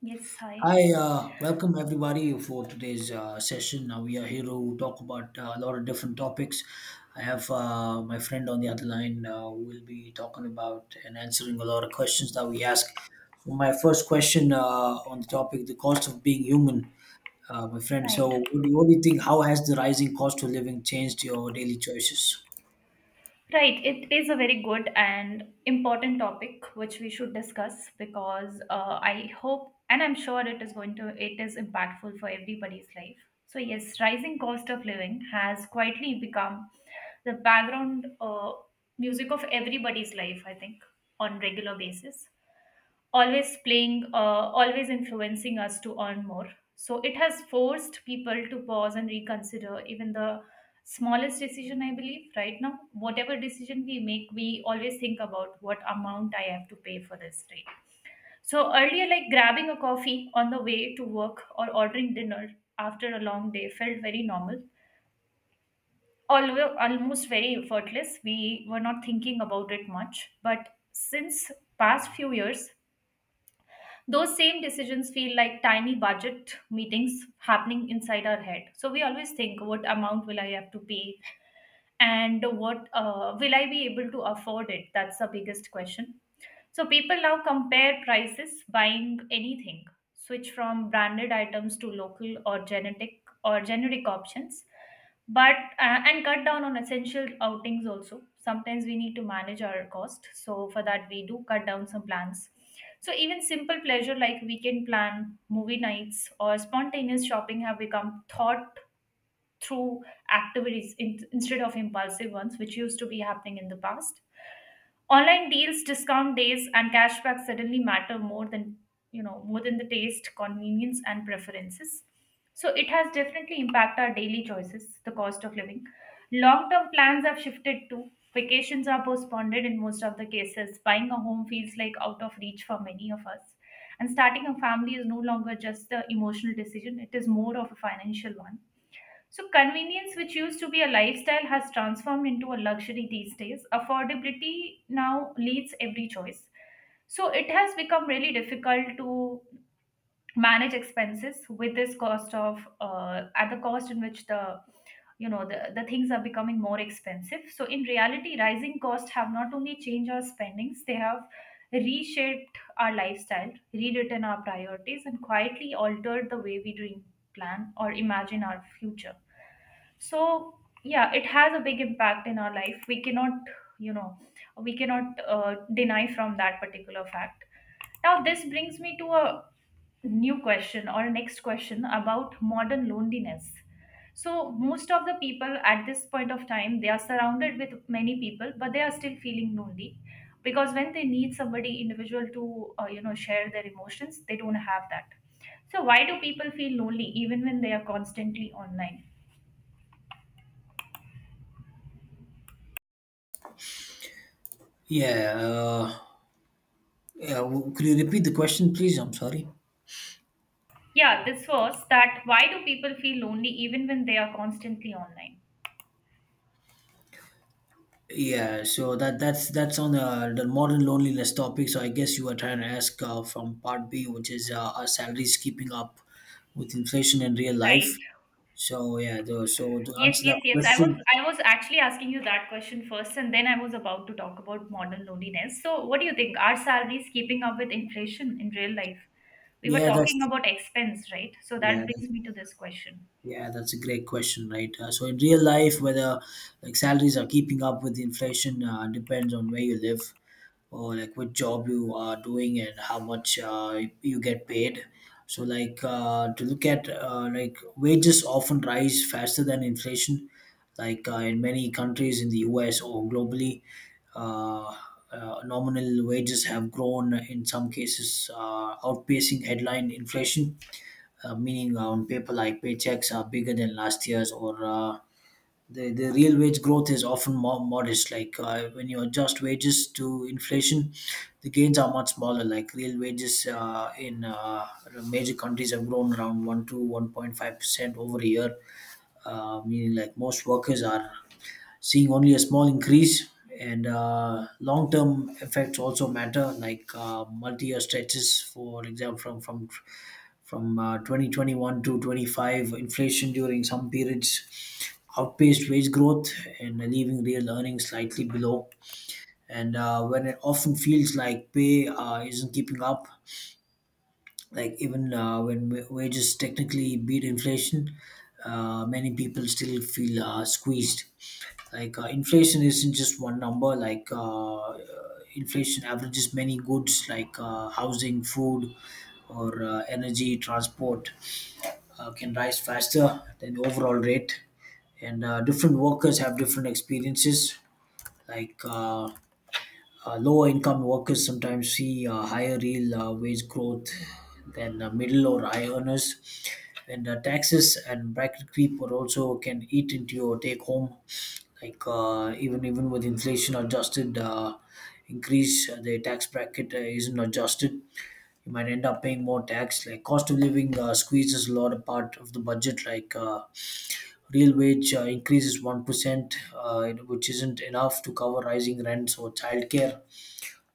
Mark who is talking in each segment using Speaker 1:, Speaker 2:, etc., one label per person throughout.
Speaker 1: Yes, hi.
Speaker 2: Hi, welcome everybody for today's session. Now we are here to talk about a lot of different topics. I have my friend on the other line. We'll be talking about and answering a lot of questions that we ask. So my first question on the topic, the cost of being human, my friend.
Speaker 1: Right.
Speaker 2: So what do you think? How has the rising cost of living changed your daily choices?
Speaker 1: Right. It is a very good and important topic which we should discuss because I hope and I'm sure it is impactful for everybody's life. So yes, rising cost of living has quietly become the background music of everybody's life, I think, on regular basis, always playing, always influencing us to earn more. So it has forced people to pause and reconsider even the smallest decision, I believe, right now. Whatever decision we make, we always think about what amount I have to pay for this, right? So earlier, like grabbing a coffee on the way to work or ordering dinner after a long day felt very normal. Although almost very effortless, we were not thinking about it much. But since past few years, those same decisions feel like tiny budget meetings happening inside our head. So we always think, what amount will I have to pay, and what will I be able to afford it? That's the biggest question. So people now compare prices buying anything, switch from branded items to local or genetic or generic options, but and cut down on essential outings also. Sometimes we need to manage our cost, so for that we do cut down some plans. So even simple pleasure like weekend plan, movie nights, or spontaneous shopping have become thought through activities instead of impulsive ones, which used to be happening in the past. Online deals, discount days, and cashback suddenly matter more than the taste, convenience, and preferences. So it has definitely impacted our daily choices, the cost of living. Long term plans have shifted too. Vacations are postponed in most of the cases. Buying a home feels like out of reach for many of us. And starting a family is no longer just the emotional decision, it is more of a financial one. So, convenience, which used to be a lifestyle, has transformed into a luxury these days. Affordability now leads every choice. So, it has become really difficult to manage expenses with at the cost in which the you know the things are becoming more expensive. So in reality, rising costs have not only changed our spendings, they have reshaped our lifestyle, rewritten our priorities, and quietly altered the way we dream, plan, or imagine our future. So yeah, it has a big impact in our life. We cannot you know we cannot uh, deny from that particular fact. Now this brings me to a new question or next question about modern loneliness. So most of the people at this point of time, they are surrounded with many people, but they are still feeling lonely, because when they need somebody individual to share their emotions, they don't have that. So why do people feel lonely even when they are constantly online?
Speaker 2: Yeah. Yeah. Could you repeat the question, please? I'm sorry.
Speaker 1: Yeah, this was that why do people feel lonely even when they are constantly online?
Speaker 2: Yeah, so that's on the modern loneliness topic. So I guess you were trying to ask from part B, which is are salaries keeping up with inflation in real life?
Speaker 1: Right.
Speaker 2: So yeah, so to
Speaker 1: Yes,
Speaker 2: answer
Speaker 1: yes,
Speaker 2: that
Speaker 1: yes. I was
Speaker 2: question,
Speaker 1: I was actually asking you that question first and then I was about to talk about modern loneliness. So what do you think? Are salaries keeping up with inflation in real life? We were
Speaker 2: yeah,
Speaker 1: talking
Speaker 2: that's
Speaker 1: about expense, right? So
Speaker 2: yeah,
Speaker 1: that brings me to this question.
Speaker 2: yeah, that's a great question, right? So in real life, whether like salaries are keeping up with inflation depends on where you live or like what job you are doing and how much you get paid. So like to look at like wages often rise faster than inflation, like in many countries in the U.S. or globally. Uh, Nominal wages have grown in some cases, outpacing headline inflation meaning on paper like paychecks are bigger than last year's or the real wage growth is often more modest, like when you adjust wages to inflation the gains are much smaller, like real wages in major countries have grown around 1 to 1.5% over a year, meaning like most workers are seeing only a small increase. And long term effects also matter, like multi year stretches, for example, from 2021 to 25, inflation during some periods outpaced wage growth and leaving real earnings slightly below. And when it often feels like pay isn't keeping up, like even when wages technically beat inflation, many people still feel squeezed, like inflation isn't just one number, like inflation averages many goods, like housing, food, or energy, transport can rise faster than the overall rate, and different workers have different experiences, like lower income workers sometimes see higher real wage growth than middle or high earners. And taxes and bracket creep are also can eat into your take home. Like even with inflation adjusted increase, the tax bracket isn't adjusted. You might end up paying more tax. Like cost of living squeezes a lot of part of the budget. Like real wage increases 1%, which isn't enough to cover rising rents or childcare,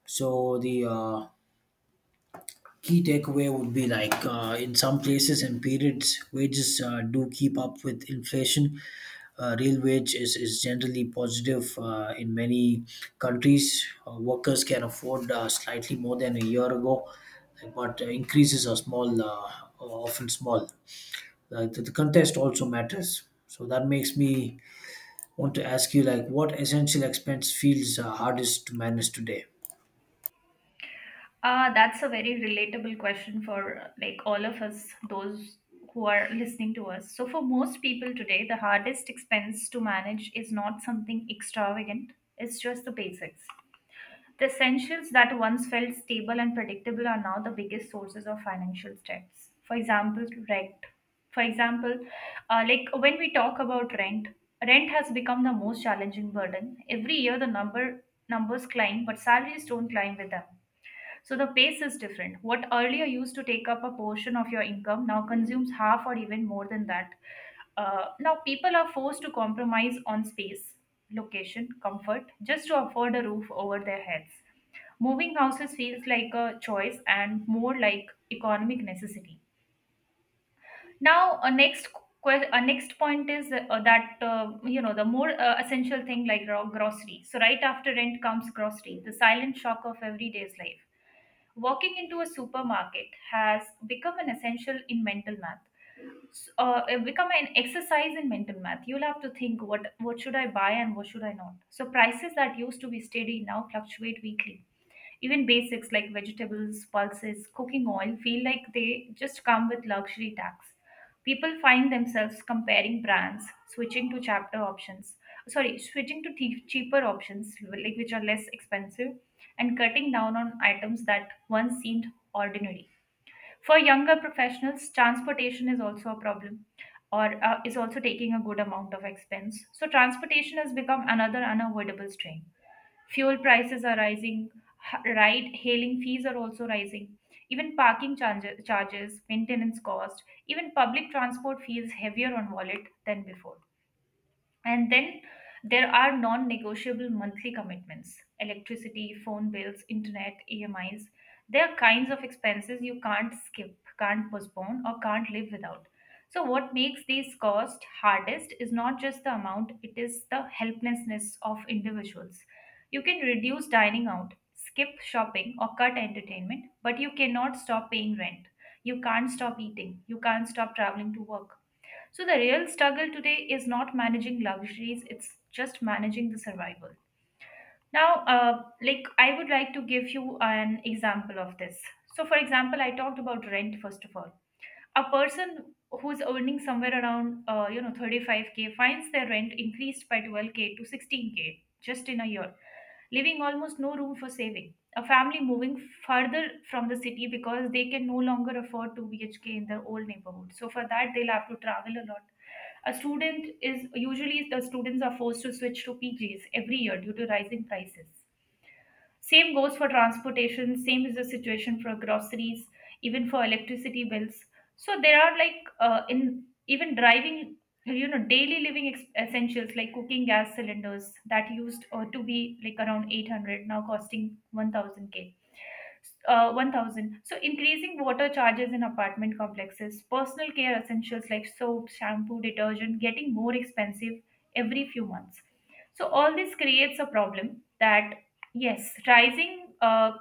Speaker 2: so the key takeaway would be like in some places and periods, wages do keep up with inflation. Real wage is generally positive in many countries. Workers can afford slightly more than a year ago, like, but increases are small, are often small. The contest also matters. So that makes me want to ask you, like, what essential expense feels hardest to manage today?
Speaker 1: That's a very relatable question for like all of us, those who are listening to us. So for most people today, the hardest expense to manage is not something extravagant. It's just the basics. The essentials that once felt stable and predictable are now the biggest sources of financial stress. For example, rent. For example, like When we talk about rent, rent has become the most challenging burden. Every year, the numbers climb, but salaries don't climb with them, so the pace is different. What earlier used to take up a portion of your income now consumes half or even more than that. Now people are forced to compromise on space, location, comfort just to afford a roof over their heads. Moving houses feels like a choice and more like economic necessity. Now, a next point is that the more essential thing like raw grocery. So right after rent comes grocery, the silent shock of everyday's life. Walking into a supermarket has become an essential in mental math, it become an exercise in mental math. You'll have to think what should I buy and what should I not. So prices that used to be steady now fluctuate weekly. Even basics like vegetables, pulses, cooking oil feel like they just come with luxury tax. People find themselves comparing brands, switching to chapter options, sorry, switching to cheaper options like which are less expensive, and cutting down on items that once seemed ordinary. For younger professionals, transportation is also a problem or is also taking a good amount of expense. So, transportation has become another unavoidable strain. Fuel prices are rising, ride hailing fees are also rising, even parking charges, maintenance cost, even public transport feels heavier on wallet than before. And then there are non negotiable monthly commitments: electricity, phone bills, internet, EMIs. There are kinds of expenses you can't skip, can't postpone, or can't live without. So, what makes these costs hardest is not just the amount, it is the helplessness of individuals. You can reduce dining out, skip shopping, or cut entertainment, but you cannot stop paying rent. You can't stop eating. You can't stop traveling to work. So the real struggle today is not managing luxuries, it's just managing the survival. Now, like I would like to give you an example of this. So, for example, I talked about rent first of all. A person who's earning somewhere around 35K finds their rent increased by 12K to 16K just in a year, leaving almost no room for saving. A family moving further from the city because they can no longer afford 2 BHK in their old neighborhood, so for that they'll have to travel a lot. A student is usually the students are forced to switch to PGs every year due to rising prices. Same goes for transportation, same is the situation for groceries, even for electricity bills. So there are like, in even driving, you know, daily living essentials like cooking gas cylinders that used to be like around 800, now costing 1000. So increasing water charges in apartment complexes, personal care essentials like soap, shampoo, detergent getting more expensive every few months. So all this creates a problem that yes, rising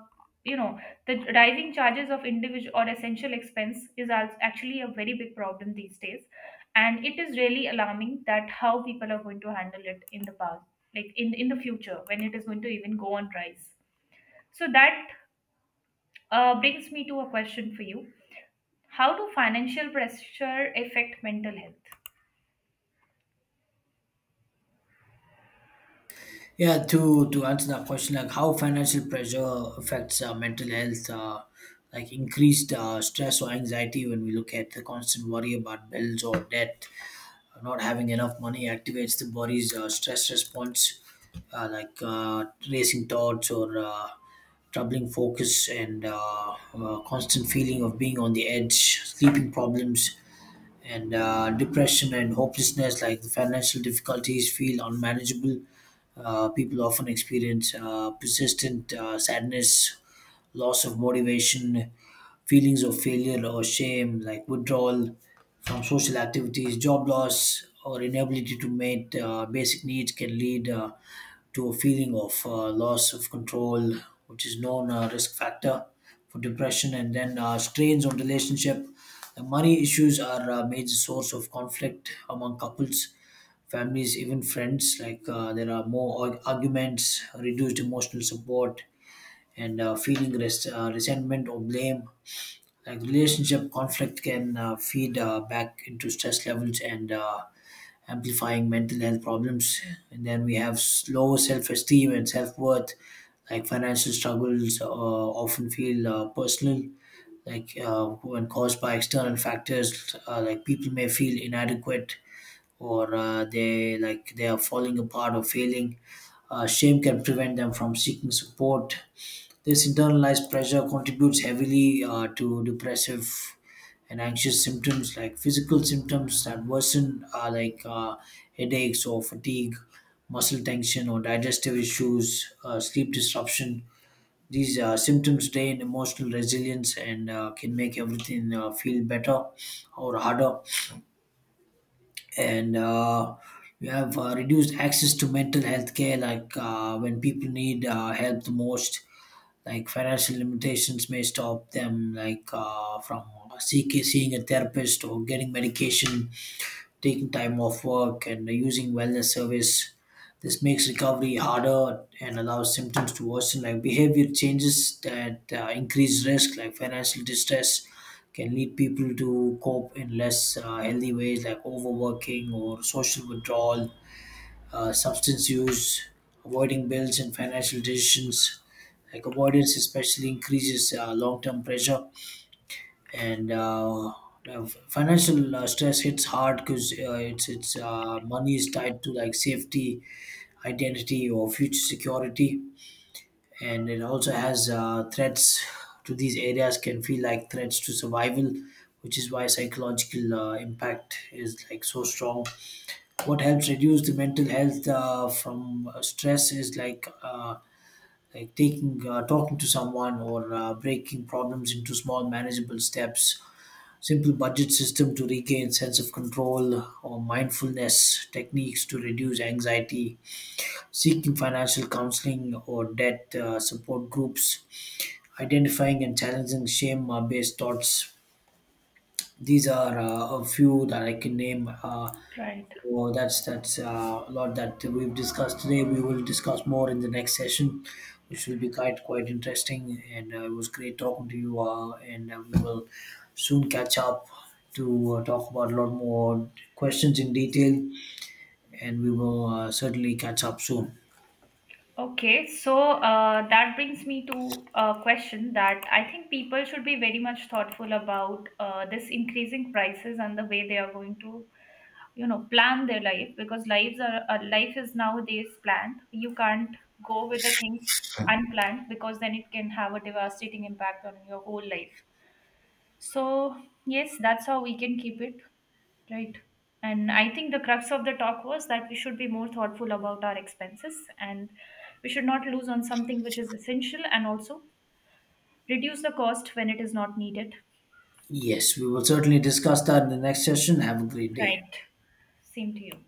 Speaker 1: you know the rising charges of individual or essential expense is actually a very big problem these days. And it is really alarming that how people are going to handle it in the past like in the future when it is going to even go on rise. So that brings me to a question for you. How do financial pressure affect mental health?
Speaker 2: Yeah, to answer that question, like how financial pressure affects mental health, like increased stress or anxiety when we look at the constant worry about bills or debt, not having enough money activates the body's stress response, like racing thoughts or troubling focus and constant feeling of being on the edge, sleeping problems, and depression and hopelessness, like the financial difficulties, feel unmanageable. People often experience persistent sadness, loss of motivation, feelings of failure or shame, like withdrawal from social activities, job loss, or inability to meet basic needs can lead to a feeling of loss of control, which is known risk factor for depression, and then strains on relationship, the money issues are a major source of conflict among couples, families, even friends. Like there are more arguments, reduced emotional support, and feeling resentment or blame. Like relationship conflict can feed back into stress levels and amplifying mental health problems. And then we have low self-esteem and self-worth. Like financial struggles often feel personal, like when caused by external factors, like people may feel inadequate, or they like they are falling apart or failing. Shame can prevent them from seeking support. This internalized pressure contributes heavily to depressive and anxious symptoms, like physical symptoms that worsen, like headaches or fatigue, muscle tension or digestive issues, sleep disruption. These symptoms drain emotional resilience and can make everything feel better or harder. And we have reduced access to mental health care, like when people need help the most. Like financial limitations may stop them, like from seeking seeing a therapist or getting medication, taking time off work and using wellness service. This makes recovery harder and allows symptoms to worsen, like behavior changes that increase risk, like financial distress, can lead people to cope in less healthy ways, like overworking or social withdrawal, substance use, avoiding bills and financial decisions. Like avoidance, especially increases long-term pressure, and now financial stress hits hard because it's money is tied to like safety, identity, or future security, and it also has threats to these areas, can feel like threats to survival, which is why psychological impact is like so strong. What helps reduce the mental health from stress is like. Like taking talking to someone or breaking problems into small manageable steps, simple budget system to regain sense of control or mindfulness techniques to reduce anxiety, seeking financial counseling or debt support groups, identifying and challenging shame based thoughts, these are a few that I can name.
Speaker 1: Right.
Speaker 2: So that's a lot that we've discussed today. We will discuss more in the next session, which will be quite interesting. And it was great talking to you. And we will soon catch up to talk about a lot more questions in detail. And we will certainly catch up soon.
Speaker 1: Okay, so that brings me to a question that I think people should be very much thoughtful about this increasing prices and the way they are going to, plan their life, because lives are life is nowadays planned. You can't go with the things unplanned because then it can have a devastating impact on your whole life. So, yes, that's how we can keep it, right? And I think the crux of the talk was that we should be more thoughtful about our expenses and we should not lose on something which is essential and also reduce the cost when it is not needed.
Speaker 2: Yes, we will certainly discuss that in the next session. Have a great day.
Speaker 1: Right. Same to you.